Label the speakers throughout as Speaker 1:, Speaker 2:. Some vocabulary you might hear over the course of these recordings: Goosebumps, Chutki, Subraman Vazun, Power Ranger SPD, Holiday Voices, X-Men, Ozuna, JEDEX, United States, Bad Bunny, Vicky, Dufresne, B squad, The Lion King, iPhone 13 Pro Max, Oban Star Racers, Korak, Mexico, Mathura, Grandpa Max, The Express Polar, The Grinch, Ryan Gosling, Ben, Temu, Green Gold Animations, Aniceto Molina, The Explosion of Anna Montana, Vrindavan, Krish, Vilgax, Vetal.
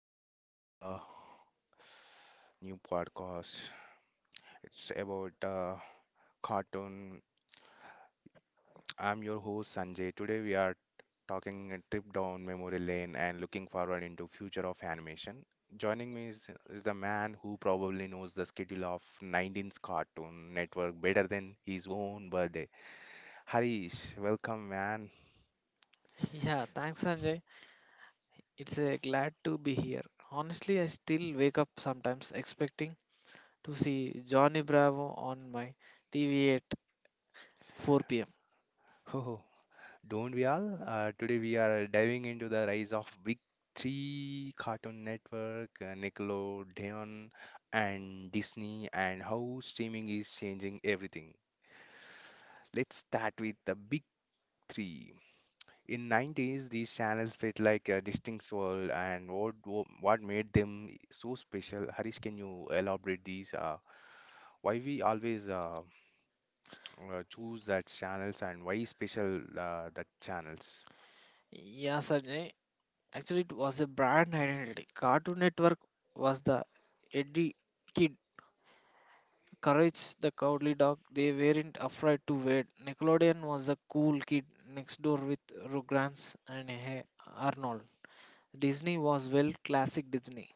Speaker 1: Welcome to the new podcast. It's about cartoon. I'm your host Sanjay. Today we are talking a trip down memory lane and looking forward into future of animation. Joining me is the man who probably knows the schedule of 19's Cartoon Network better than his own birthday. Harish, welcome, man.
Speaker 2: Yeah, thanks, Sanjay. It's a glad to be here. Honestly, I still wake up sometimes expecting to see Johnny Bravo on my TV at 4 pm.
Speaker 1: Don't we all? Today we are diving into the rise of Big Three Cartoon Network, Nickelodeon, and Disney, and how streaming is changing everything. Let's start with the Big Three. In '90s, these channels felt like a distinct world, and what made them so special? Harish, can you elaborate these? Why we always choose that channels and why special that channels?
Speaker 2: Yeah, Sanjay. Actually, it was a brand identity. Cartoon Network was the edgy kid, Courage the Cowardly Dog. They weren't afraid to wait. Nickelodeon was the cool kid next door with Rugrats and Hey Arnold. Disney was well classic Disney.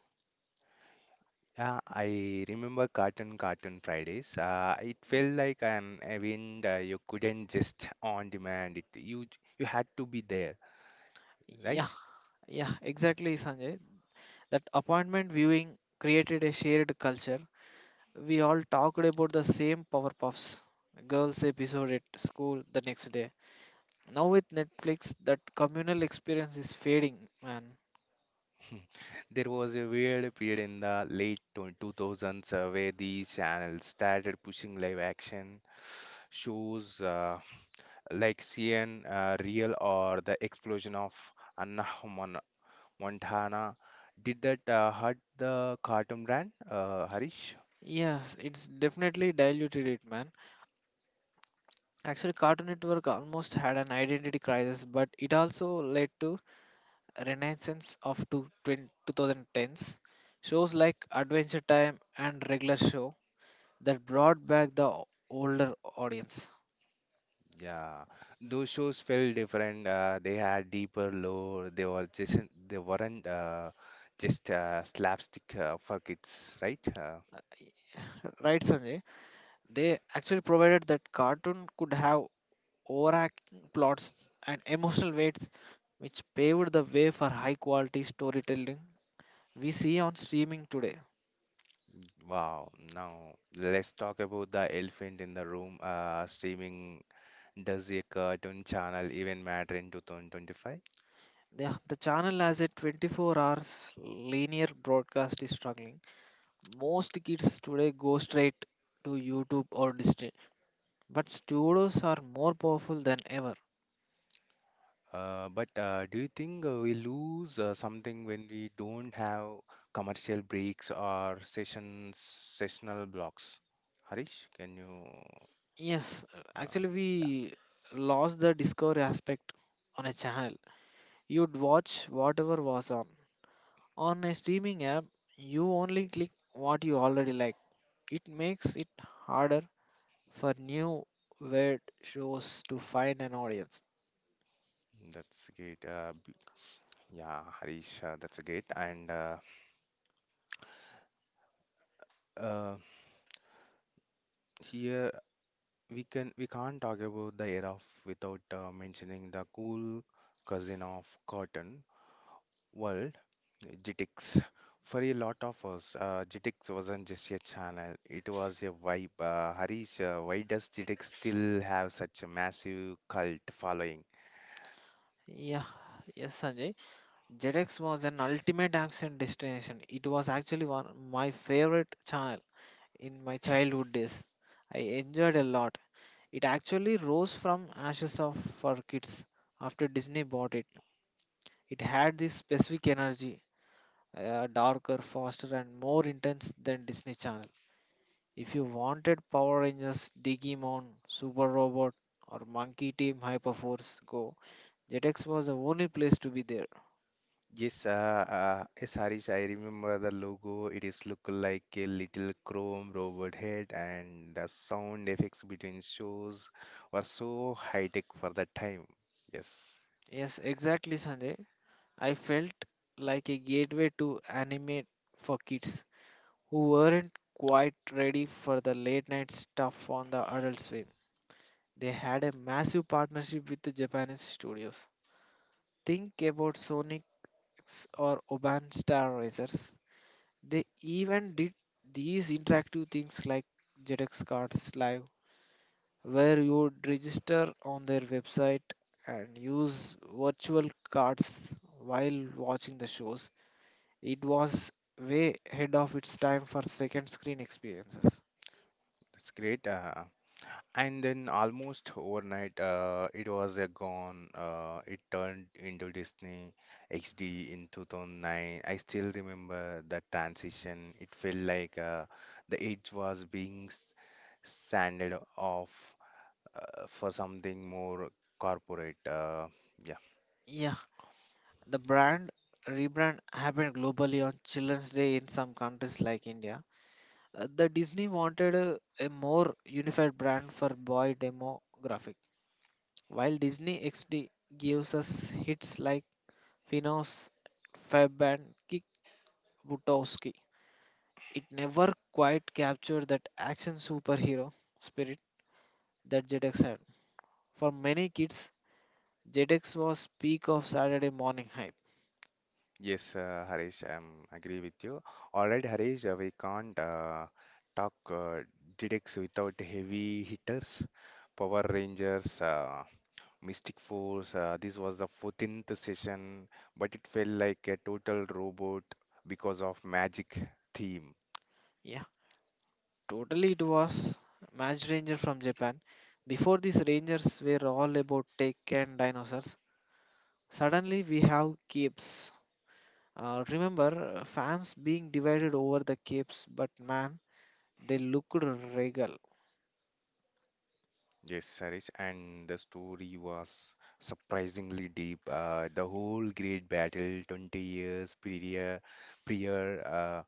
Speaker 1: Yeah, I remember Cartoon Fridays. It felt like an event, you couldn't just on demand it. You had to be there,
Speaker 2: Yeah,
Speaker 1: right?
Speaker 2: yeah, exactly, Sanjay. That appointment viewing created a shared culture. We all talked about the same Powerpuffs Girls episode at school the next day. Now with Netflix, that communal experience is fading, man.
Speaker 1: There was a weird period in the late 2000s, where these channels started pushing live action shows, like CN Real or The Explosion of Anna Mon- Montana. Did that hurt the cartoon brand, Harish?
Speaker 2: Yes, it's definitely diluted it, man. Actually, Cartoon Network almost had an identity crisis, but it also led to a renaissance of 20 2010s. Shows like Adventure Time and Regular Show that brought back the older audience.
Speaker 1: Yeah, those shows felt different. They had deeper lore. They weren't just slapstick for kids, right?
Speaker 2: Right, Sanjay? They actually provided that cartoon could have overacting plots and emotional weights, which paved the way for high quality storytelling we see on streaming today.
Speaker 1: Wow. Now let's talk about the elephant in the room. Streaming, does a cartoon channel even matter in 2025?
Speaker 2: The channel as a 24 hours linear broadcast is struggling. Most kids today go straight to YouTube or Disney, but studios are more powerful than ever.
Speaker 1: But do you think we lose something when we don't have commercial breaks or sessional blocks? Harish, can you?
Speaker 2: Yes,
Speaker 1: Yeah.
Speaker 2: actually, we lost the discovery aspect on a channel. You'd watch whatever was on. On a streaming app, you only click what you already like. It makes it harder for new weird shows to find an audience.
Speaker 1: That's great. Yeah, Harish, that's great. And uh, here we can't talk about the era of without mentioning the cool cousin of cotton world, GTX. For a lot of us, GTX wasn't just a channel; it was a vibe. Harish, why does GTX still have such a massive cult following?
Speaker 2: Yeah, yes, Sanjay. Jetix was an ultimate action destination. It was actually one my favorite channel in my childhood days. I enjoyed a lot. It actually rose from ashes of for kids after Disney bought it. It had this specific energy, darker, faster, and more intense than Disney Channel. If you wanted Power Rangers, Digimon, Super Robot, or Monkey Team Hyperforce Go, Jetix was the only place to be there.
Speaker 1: Yes, yes, Harish, I remember the logo. It is look like a little chrome robot head, and the sound effects between shows were so high tech for that time. Yes,
Speaker 2: Yes, exactly, Sanjay. I felt like a gateway to anime for kids who weren't quite ready for the late night stuff on the adult swim. They had a massive partnership with the Japanese studios. Think about Sonic's or Oban Star Racers. They even did these interactive things like JEDEX cards live, where you would register on their website and use virtual cards while watching the shows. It was way ahead of its time for second screen experiences.
Speaker 1: that's great. And then almost overnight, it was gone. It turned into Disney XD in 2009. I still remember the transition. It felt like the edge was being sanded off for something more corporate. Yeah.
Speaker 2: Yeah, the brand rebrand happened globally on Children's Day in some countries like India. The Disney wanted a more unified brand for boy demographic. While Disney XD gives us hits like Finos, Fabianski, Butowski, it never quite captured that action superhero spirit that ZX had. For many kids, ZX was peak of Saturday morning hype.
Speaker 1: Yes, Harish, I'm agree with you. All right, Harish, we can't talk DDX without heavy hitters. Power Rangers, Mystic Force. This was the 14th session, but it felt like a total robot because of magic theme.
Speaker 2: Yeah, totally it was. Match Ranger from Japan. Before these Rangers were all about tech and dinosaurs, suddenly we have capes. Fans being divided over the capes, but man, they looked regal.
Speaker 1: Yes, Harish, and the story was surprisingly deep. The whole great battle, 20 years prior,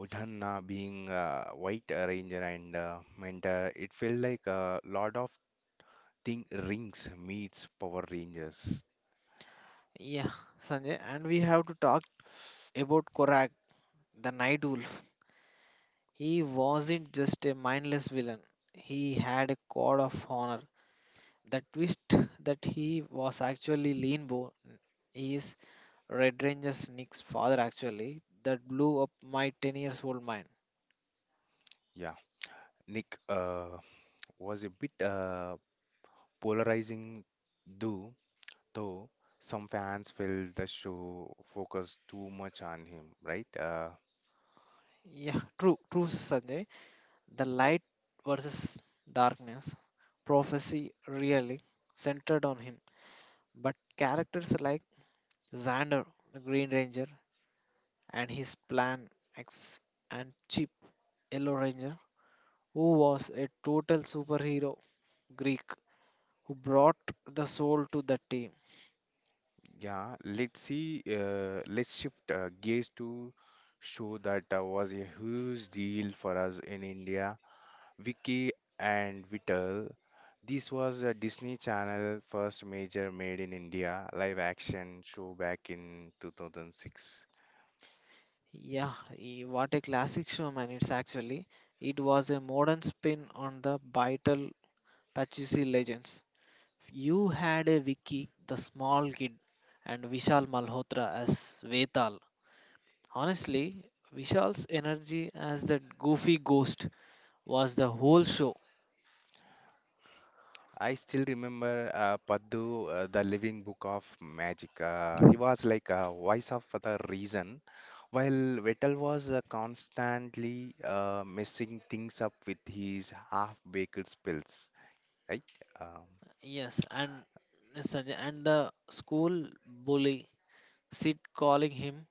Speaker 1: Udhanna being a White Ranger and mentor, it felt like a lot of thing rings meets Power Rangers.
Speaker 2: Yeah, Sanjay, and we have to talk about Korak, the night wolf. He wasn't just a mindless villain, he had a code of honor. The twist that he was actually Linbo is Red Ranger Sneak's father, actually, that blew up my 10 years old mind.
Speaker 1: Yeah, Nick was a bit polarizing, though, though, some fans felt the show focused too much on him, right?
Speaker 2: Yeah, true, Sanjay. The light versus darkness prophecy really centered on him, but characters like Xander, the Green Ranger, and his plan X and Chip, Yellow Ranger, who was a total superhero Greek who brought the soul to the team.
Speaker 1: Yeah, let's see. Let's shift gears to show that was a huge deal for us in India. Vicky and Vital. This was a Disney Channel first major made in India live action show back in 2006.
Speaker 2: Yeah, eh, what a classic show, man! It was a modern spin on the vital Pachisi legends. You had a Vicky, the small kid, and Vishal Malhotra as Vetal. Honestly, Vishal's energy as that goofy ghost was the whole show.
Speaker 1: I still remember Paddu, the living book of magic. He was like a voice of the reason while Vettel was constantly messing things up with his half-baked spills, right? Um,
Speaker 2: Yes, and Sanjay and the school bully Sid calling him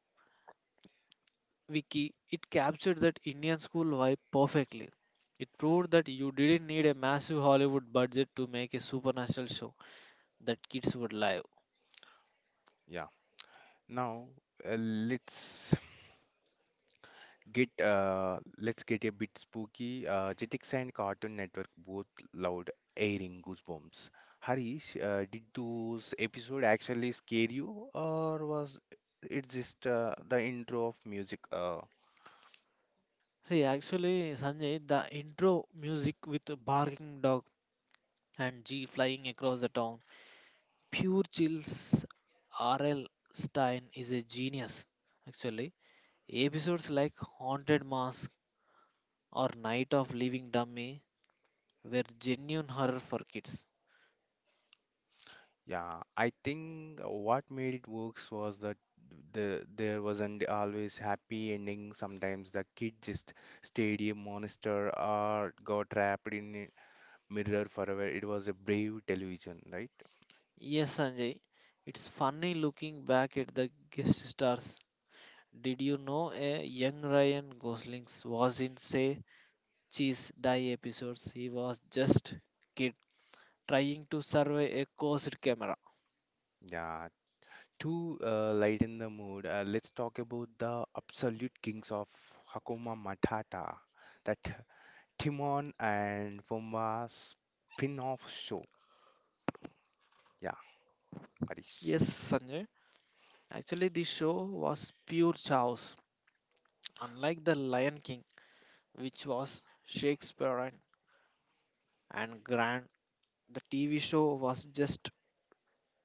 Speaker 2: Vicky, it captured that Indian school vibe perfectly. It proved that you didn't need a massive Hollywood budget to make a supernatural show that kids would love.
Speaker 1: yeah. Now uh, let's let's get a bit spooky. Jetix and Cartoon Network both loud airing goosebumps. Harish, did those episode actually scare you, or was it just the intro of music?
Speaker 2: See, actually, Sanjay, the intro music with a barking dog and G flying across the town, pure chills. R.L. Stein is a genius. Actually, episodes like Haunted Mask or Night of Living Dummy were genuine horror for kids.
Speaker 1: Yeah, I think what made it works was that there wasn't always happy ending. Sometimes the kid just stayed a monster or got trapped in a mirror forever. It was a brave television, right?
Speaker 2: Yes, Sanjay, it's funny looking back at the guest stars. Did you know a young Ryan Gosling was in say Cheese Die episodes? He was just kid trying to survive a closed camera.
Speaker 1: Yeah. To lighten the mood, let's talk about the absolute kings of Hakuna Matata, that Timon and Pumbaa spin-off show. Yeah, Harish.
Speaker 2: Yes, Sanjay. Actually, this show was pure chaos. Unlike The Lion King, which was Shakespearean and grand, the TV show was just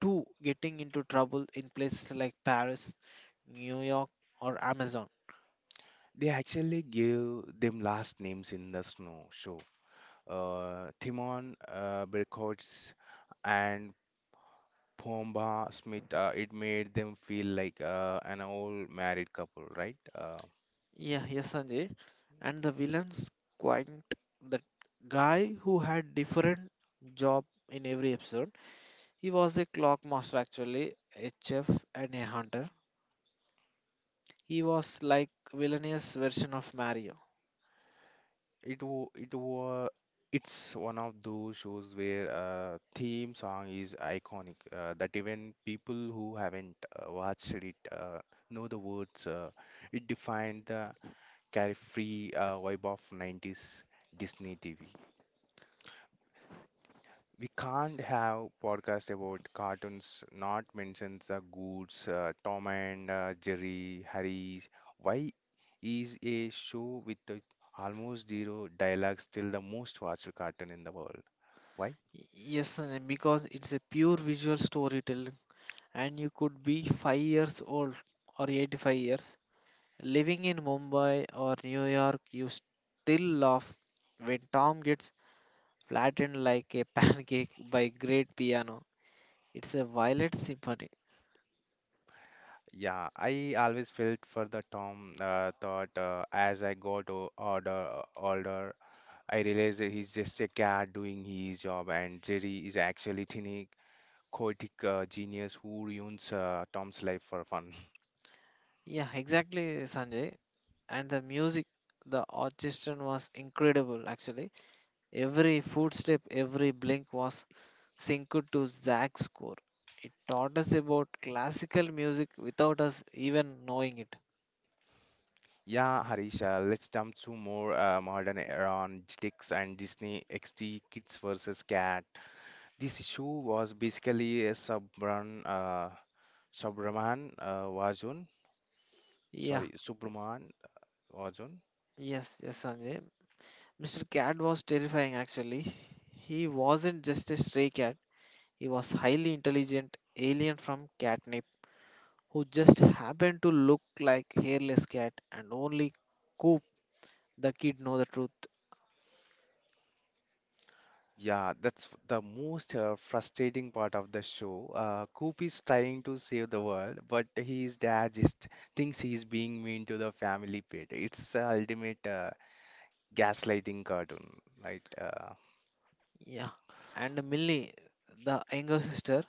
Speaker 2: to getting into trouble in places like Paris, New York, or Amazon.
Speaker 1: They actually gave them last names in the snow show. Timon, Berkots, and Pomba Smith. It made them feel like an old married couple, right?
Speaker 2: Yeah, yes, Sanjay. And the villain's quite the guy who had different job in every episode. He was a clock master actually, a chef and a hunter. He was like villainous version of Mario.
Speaker 1: It was it's one of those shows where theme song is iconic. That even people who haven't watched it know the words. It defined the carefree vibe of '90s Disney TV. We can't have podcast about cartoons not mentions the goods, Tom and Jerry, Harry's. Why is a show with the almost zero dialogue still the most watched cartoon in the world? Why?
Speaker 2: Y- Yes, Sanjay, because it's a pure visual storytelling, and you could be 5 years old or 85 years living in Mumbai or New York, you still laugh when Tom gets flattened like a pancake by great piano. It's a violet symphony.
Speaker 1: Yeah, I always felt for the Tom thought, as I got older, I realized that he's just a cat doing his job, and Jerry is actually tiny, chaotic genius who ruins Tom's life for fun.
Speaker 2: Yeah, exactly, Sanjay. And the music, the orchestra was incredible actually. Every footstep, every blink was synced to Zach's score. It taught us about classical music without us even knowing it.
Speaker 1: Yeah, Harish, let's jump to more modern era on GTX and Disney XD Kids versus Cat. This issue was basically a Subran, Subraman Vazun,
Speaker 2: Yeah,
Speaker 1: sorry, Subraman Vazun.
Speaker 2: yes, Sanjay. Mr. Cat was terrifying actually. He wasn't just a stray cat, he was highly intelligent alien from catnip who just happened to look like hairless cat and only Coop the kid know the truth.
Speaker 1: Yeah, the most frustrating part of the show. Coop is trying to save the world, but his dad just thinks he's being mean to the family pet. It's ultimate gaslighting cartoon, right?
Speaker 2: Yeah. And Millie, the younger sister,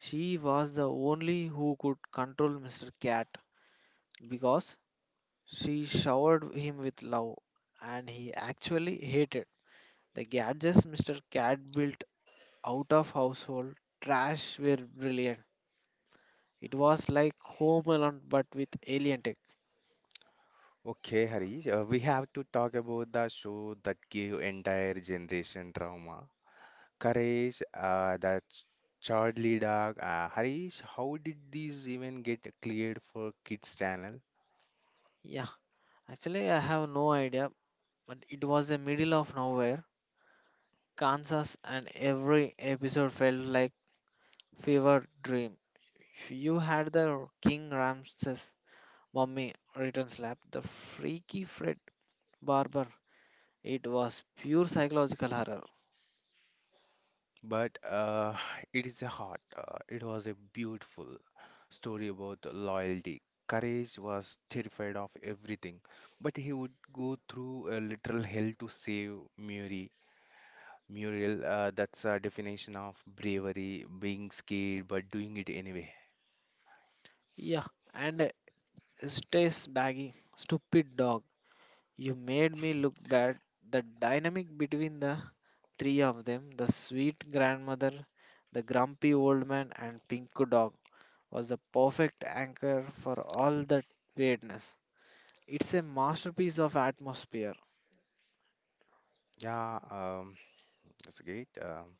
Speaker 2: she was the only who could control Mr. Cat because she showered him with love and he actually hated the gadgets Mr. Cat built out of household trash were brilliant. It was like Home Alone but with alien tech.
Speaker 1: Okay, Harish, we have to talk about the show that gave entire generation trauma. Courage, Charlie Dog. Harish, how did these even get cleared for kids channel?
Speaker 2: Yeah, actually I have no idea, but it was the middle of nowhere, Kansas, and every episode felt like fever dream. If you had the King Ramses mummy returns lab, the freaky Fred Barber. It was pure psychological horror.
Speaker 1: But it is a heart. It was a beautiful story about loyalty. Courage was terrified of everything, but he would go through a literal hell to save Mary. Muriel, that's a definition of bravery, being scared but doing it anyway.
Speaker 2: Yeah, and stays baggy, stupid dog. You made me look bad. The dynamic between the three of them the sweet grandmother, the grumpy old man, and Pinku dog was the perfect anchor for all that weirdness. It's a masterpiece of atmosphere.
Speaker 1: Yeah, that's great.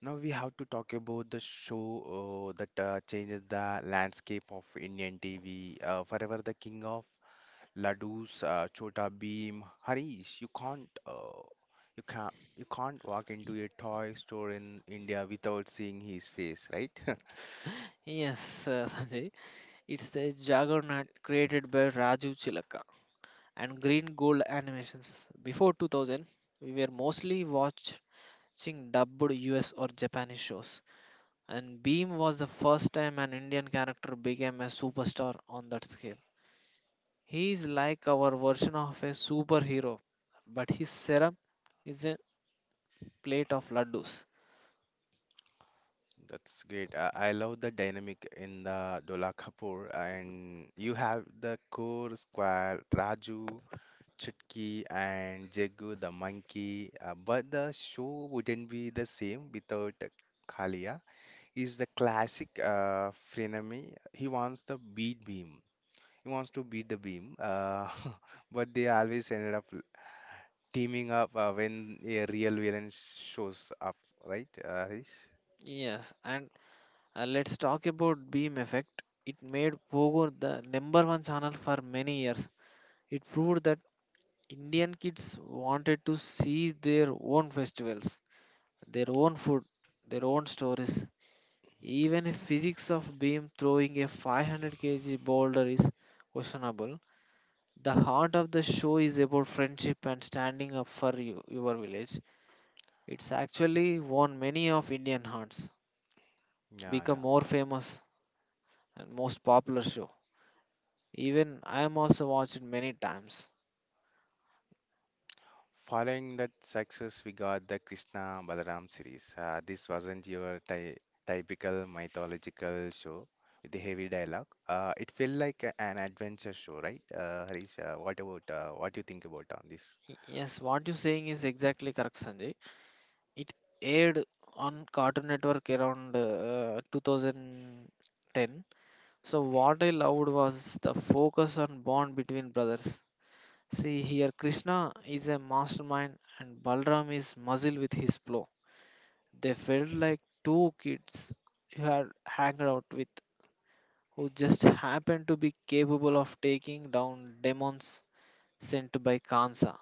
Speaker 1: Now we have to talk about the show that changes the landscape of Indian TV. Forever the king of laddus, Chota Bheem, Harish. You can't walk into a toy store in India without seeing his face, right?
Speaker 2: Yes, Sanjay. It's the juggernaut created by Raju Chilaka and Green Gold Animations. Before 2000, we were mostly watching dubbed US or Japanese shows. And Beam was the first time an Indian character became a superstar on that scale. He is like our version of a superhero, but his serum is a plate of laddus.
Speaker 1: That's great. I love the dynamic in the Dola Kapoor, and you have the core square Raju, Chutki, and Jagu the monkey. But the show wouldn't be the same without Kalia. He's the classic frenemy. He wants to beat the Beam. But they always ended up teaming up when a real villain shows up, right, Harish?
Speaker 2: Yes, and let's talk about Beam Effect. It made Pogo the number one channel for many years. It proved that Indian kids wanted to see their own festivals, their own food, their own stories. Even if physics of beam throwing a 500 kg boulder is questionable, the heart of the show is about friendship and standing up for you, your village. It's actually won many of Indian hearts,
Speaker 1: Yeah,
Speaker 2: become
Speaker 1: yeah.
Speaker 2: more famous and most popular show. Even I am also watched many times.
Speaker 1: Following that success, we got the Krishna Balaram series. This wasn't your typical mythological show with the heavy dialogue. It felt like an adventure show, right? Harish, what do you think about on this?
Speaker 2: Yes, what you're saying is exactly correct, Sanjay. It aired on Cartoon Network around 2010. So what I loved was the focus on bond between brothers. See here, Krishna is a mastermind and Balram is muzzle with his plow. They felt like two kids you had hanged out with who just happened to be capable of taking down demons sent by Kansa.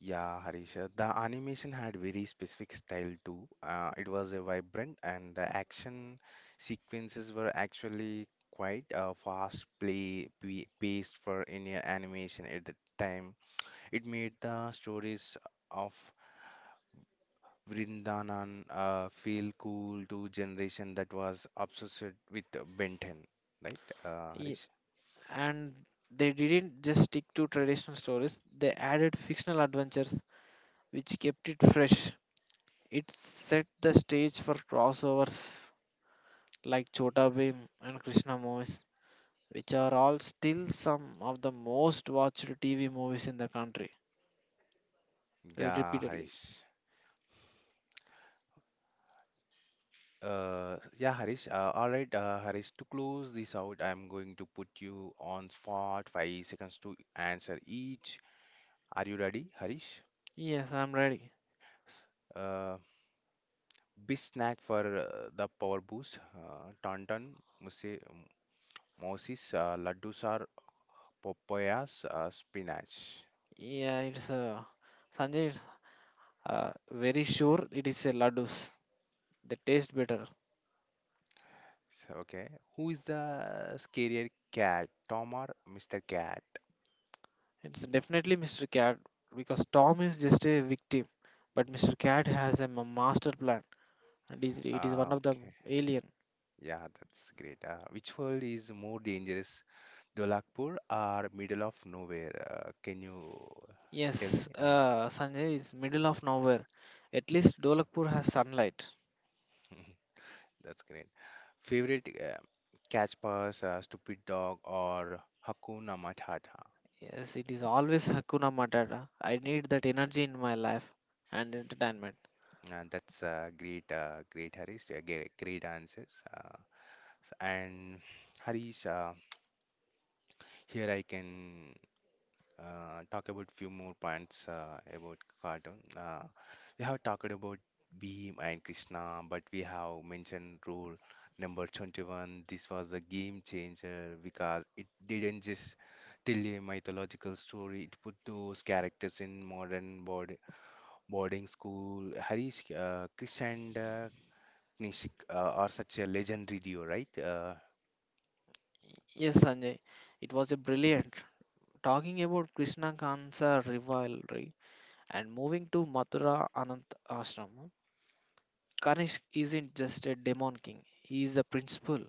Speaker 1: Yeah, Harish, the animation had very specific style too. It was a vibrant, and the action sequences were actually quite fast, paced for any animation at the time. It made the stories of Vrindavan feel cool to generation that was obsessed with Ben 10, right,
Speaker 2: Ye-
Speaker 1: Harish?
Speaker 2: And they didn't just stick to traditional stories, they added fictional adventures which kept it fresh. It set the stage for crossovers like Chota Bheem and Krishna movies, which are all still some of the most watched TV movies in the country
Speaker 1: Yeah,
Speaker 2: repeatedly.
Speaker 1: Harish. Yeah, Harish. All right, Harish. To close this out, I'm going to put you on spot. 5 seconds to answer each. Are you ready, Harish?
Speaker 2: Yes, I'm ready.
Speaker 1: Uh, Best snack for the power boost. Tauntaun, muse- Moses, laddus are papayas, spinach.
Speaker 2: Yeah, it's Sanjay. It's, very sure it is a laddus. They taste better.
Speaker 1: So, okay. Who is the scarier cat, Tom or Mr. Cat?
Speaker 2: It's definitely Mr. Cat because Tom is just a victim, but Mr. Cat has a master plan, and is it is one of the
Speaker 1: Okay.
Speaker 2: alien.
Speaker 1: Yeah, that's great. Which world is more dangerous, Dolakpur or middle of nowhere? Can you tell me?
Speaker 2: Yes, Sanjay is middle of nowhere. At least Dolakpur has sunlight.
Speaker 1: That's great. Favorite catch pass, stupid dog, or Hakuna Matata?
Speaker 2: Yes, it is always Hakuna Matata. I need that energy in my life and entertainment.
Speaker 1: And that's great Harish. Great answers. And Harish, here I can talk about few more points about cartoon. We have talked about Beam and Krishna, but we have mentioned rule number 21. This was a game changer because it didn't just tell a mythological story. It put those characters in boarding school. Harish, Krish and Knishik are such a legendary duo, right?
Speaker 2: Yes, Sanjay, it was a brilliant. Talking about Krishna Kansa rivalry and moving to Mathura Anant Ashram, Kanishk isn't just a demon king, he is a principal.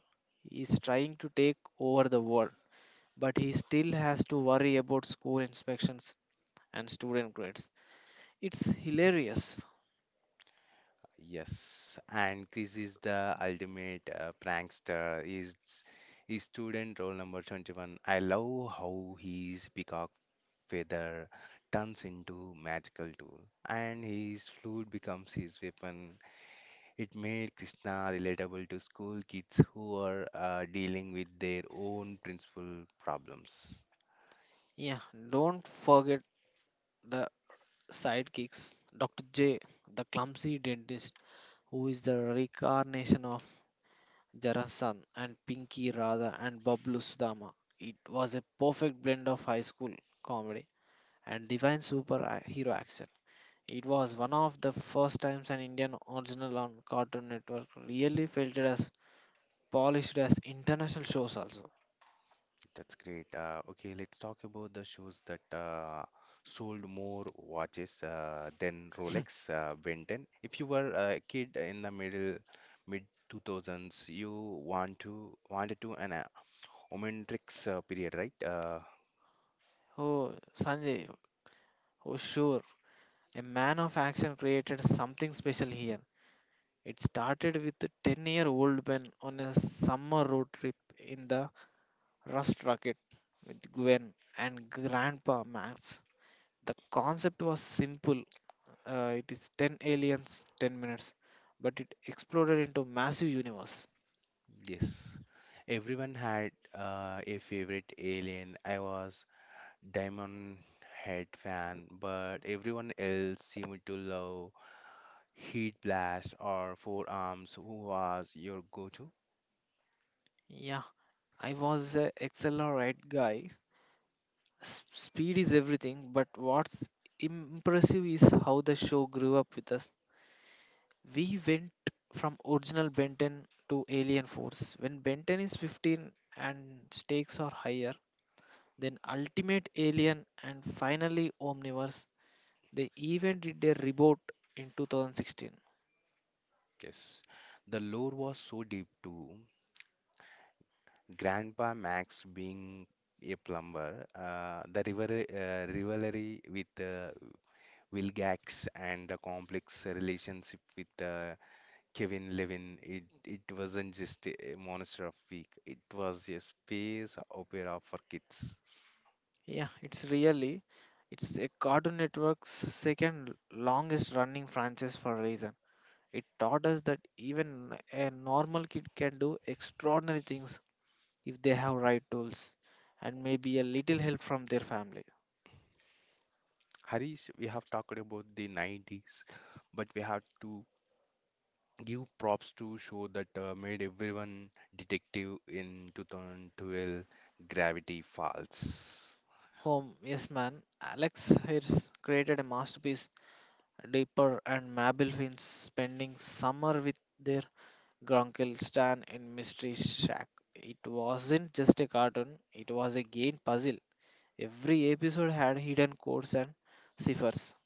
Speaker 2: He is trying to take over the world, but he still has to worry about school inspections and student grades. It's hilarious.
Speaker 1: Yes, and Chris is the ultimate prankster. Is student role number 21. I love how his peacock feather turns into magical tool, and his flute becomes his weapon. It made Krishna relatable to school kids who are dealing with their own principal problems.
Speaker 2: Yeah, don't forget the sidekicks Dr. J, the clumsy dentist, who is the reincarnation of Jarasan, and Pinky Radha and Bablu Sudama. It was a perfect blend of high school comedy and divine superhero action. It was one of the first times an Indian original on Cartoon Network really felt it as polished as international shows also.
Speaker 1: That's great. Okay, let's talk about the shows that sold more watches than Rolex, Ben. If you were a kid in the mid 2000s, you wanted to an Omnitrix period, right?
Speaker 2: Oh, Sanjay, oh sure, a man of action created something special here. It started with a 10-year-old Ben on a summer road trip in the Rust Rocket with Gwen and Grandpa Max. The concept was simple it is 10 aliens, 10 minutes, but it exploded into massive universe.
Speaker 1: Yes. Everyone had a favorite alien. I was Diamond Head fan, but everyone else seemed to love Heat Blast or Four Arms, who was your go-to?
Speaker 2: Yeah, I was a accelerate guy. Speed is everything, but what's impressive is how the show grew up with us. We went from original Benton to Alien Force. When Benton is 15 and stakes are higher, then Ultimate Alien and finally Omniverse, they even did a reboot in 2016.
Speaker 1: Yes, the lore was so deep too. Grandpa Max being a plumber, the rivalry with Vilgax and the complex relationship with Kevin Levin. It wasn't just a monster of week. It was a space opera for kids.
Speaker 2: Yeah, it's a Cartoon Network's second longest running franchise for a reason. It taught us that even a normal kid can do extraordinary things if they have right tools and maybe a little help from their family.
Speaker 1: Harish, we have talked about the '90s, but we have to give props to show that made everyone detective in 2012 Gravity Falls.
Speaker 2: Home, yes, man. Alex Hirsch created a masterpiece, Deeper and Mabel Finch spending summer with their grunkle Stan in Mystery Shack. It wasn't just a cartoon, it was a game puzzle. Every episode had hidden codes and ciphers.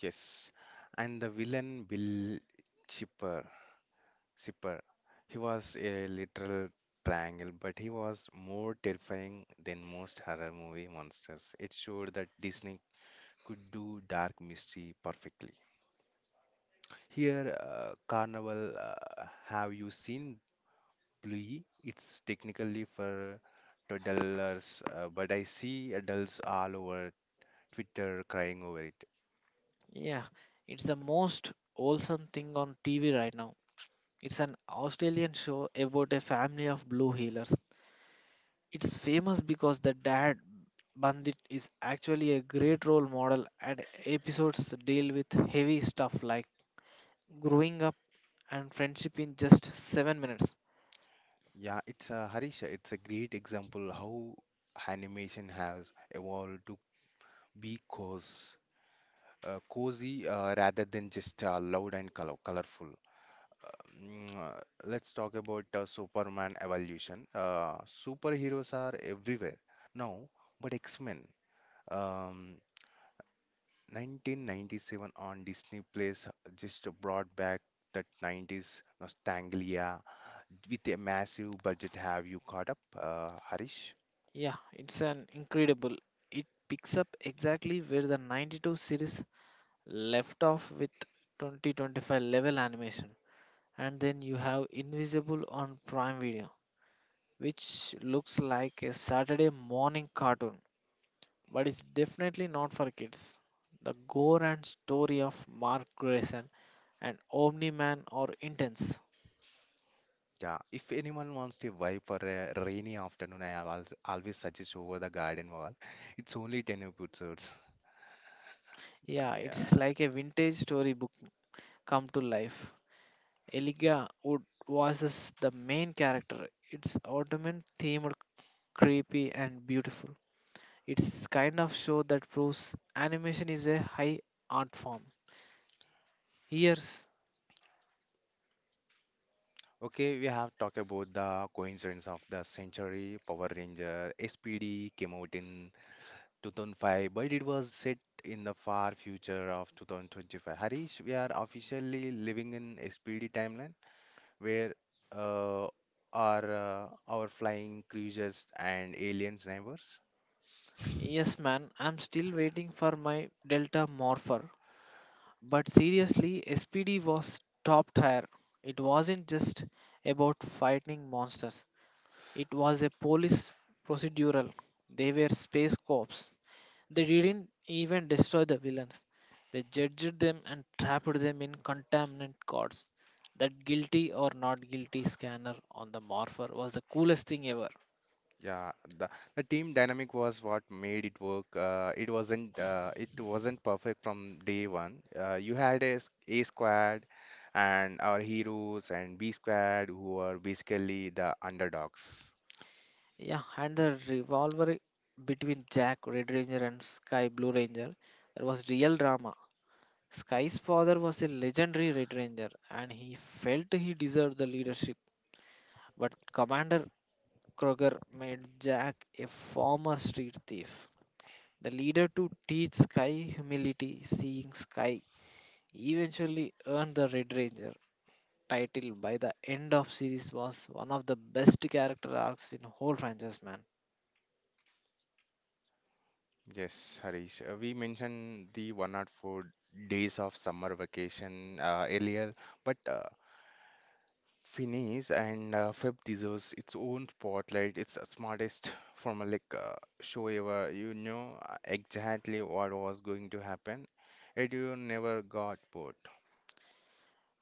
Speaker 1: Yes, and the villain Bill Chipper, Chipper, he was a literal triangle, but he was more terrifying than most horror movie monsters. It showed that Disney could do dark mystery perfectly. Here, Carnival, have you seen Bluey? It's technically for toddlers, but I see adults all over Twitter crying over it.
Speaker 2: Yeah, it's the most wholesome thing on TV right now. It's an Australian show about a family of blue healers. It's famous because the dad bandit is actually a great role model and episodes deal with heavy stuff like growing up and friendship in just 7 minutes.
Speaker 1: Yeah, it's Harisha. It's a great example how animation has evolved to be cozy rather than just loud and colorful. Let's talk about Superman evolution. Superheroes are everywhere now, but X-Men. Um, 1997 on Disney Plus just brought back that '90s nostalgia with a massive budget. Have you caught up, Harish?
Speaker 2: Yeah, it's an incredible. It picks up exactly where the 92 series left off with 2025 level animation. And then you have Invisible on Prime Video, which looks like a Saturday morning cartoon but it's definitely not for kids. The gore and story of Mark Grayson and Omni Man are intense.
Speaker 1: Yeah, if anyone wants to vibe for a rainy afternoon, I have always suggest Over the Garden Wall. It's only 10 episodes.
Speaker 2: Yeah, it's
Speaker 1: Yeah.
Speaker 2: like a vintage storybook come to life. Eliga Wood voices the main character. It's autumn themed, creepy, and beautiful. It's kind of show that proves animation is a high art form. Here's
Speaker 1: Okay, we have talked about the coincidence of the century, Power Ranger, SPD came out in 2005, but it was set in the far future of 2025. Harish, we are officially living in SPD timeline where uh, our flying cruisers and aliens neighbors.
Speaker 2: yes, man, I'm still waiting for my Delta Morpher. But seriously, SPD was top tier. It wasn't just about fighting monsters. It was a police procedural. They were space cops. They didn't even destroy the villains. They judged them and trapped them in contaminant gods. That guilty or not guilty scanner on the Morpher was the coolest thing ever.
Speaker 1: Yeah, the the team dynamic was what made it work. It wasn't perfect from day one. You had A squad and our heroes and B squad who were basically the underdogs.
Speaker 2: Yeah, and the revolver between Jack Red Ranger and Sky Blue Ranger, there was real drama. Sky's father was a legendary Red Ranger, and he felt he deserved the leadership. But Commander Kroger made Jack a former street thief. The leader to teach Sky humility, seeing Sky, eventually earned the Red Ranger title by the end of series was one of the best character arcs in whole franchise man.
Speaker 1: Yes, Harish. We mentioned the 104 days of summer vacation earlier, but Finis and Feb deserves its own spotlight. It's the smartest from a like show ever. You know exactly what was going to happen, and you never got bored.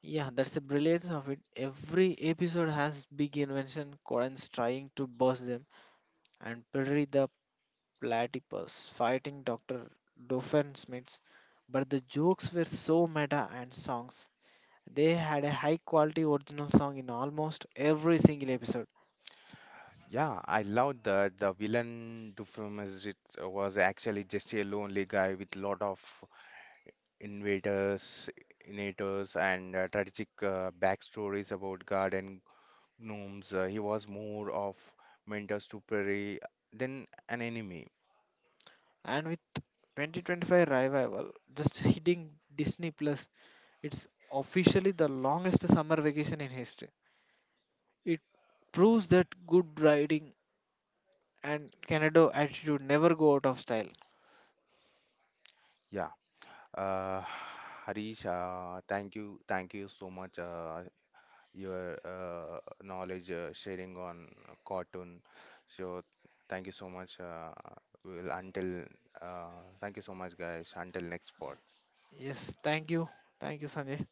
Speaker 2: Yeah, that's the brilliance of it. Every episode has big invention, Coden's trying to burst them and Perry the platypus fighting Dr. Doofenshmirtz, but the jokes were so meta and songs. They had a high quality original song in almost every single episode.
Speaker 1: Yeah, I love that the villain Dufresne it was actually just a lonely guy with lot of invaders, innators, and tragic backstories about garden gnomes. He was more of mentor to Perry than an enemy.
Speaker 2: And with 2025 revival just hitting Disney Plus, it's officially the longest summer vacation in history. It proves that good writing and Canada attitude never go out of style.
Speaker 1: Yeah. Uh, Harish, thank you so much. Your knowledge sharing on cartoon. So thank you so much. Will until thank you so much, guys. Until next part.
Speaker 2: Yes, thank you. Thank you, Sanjay.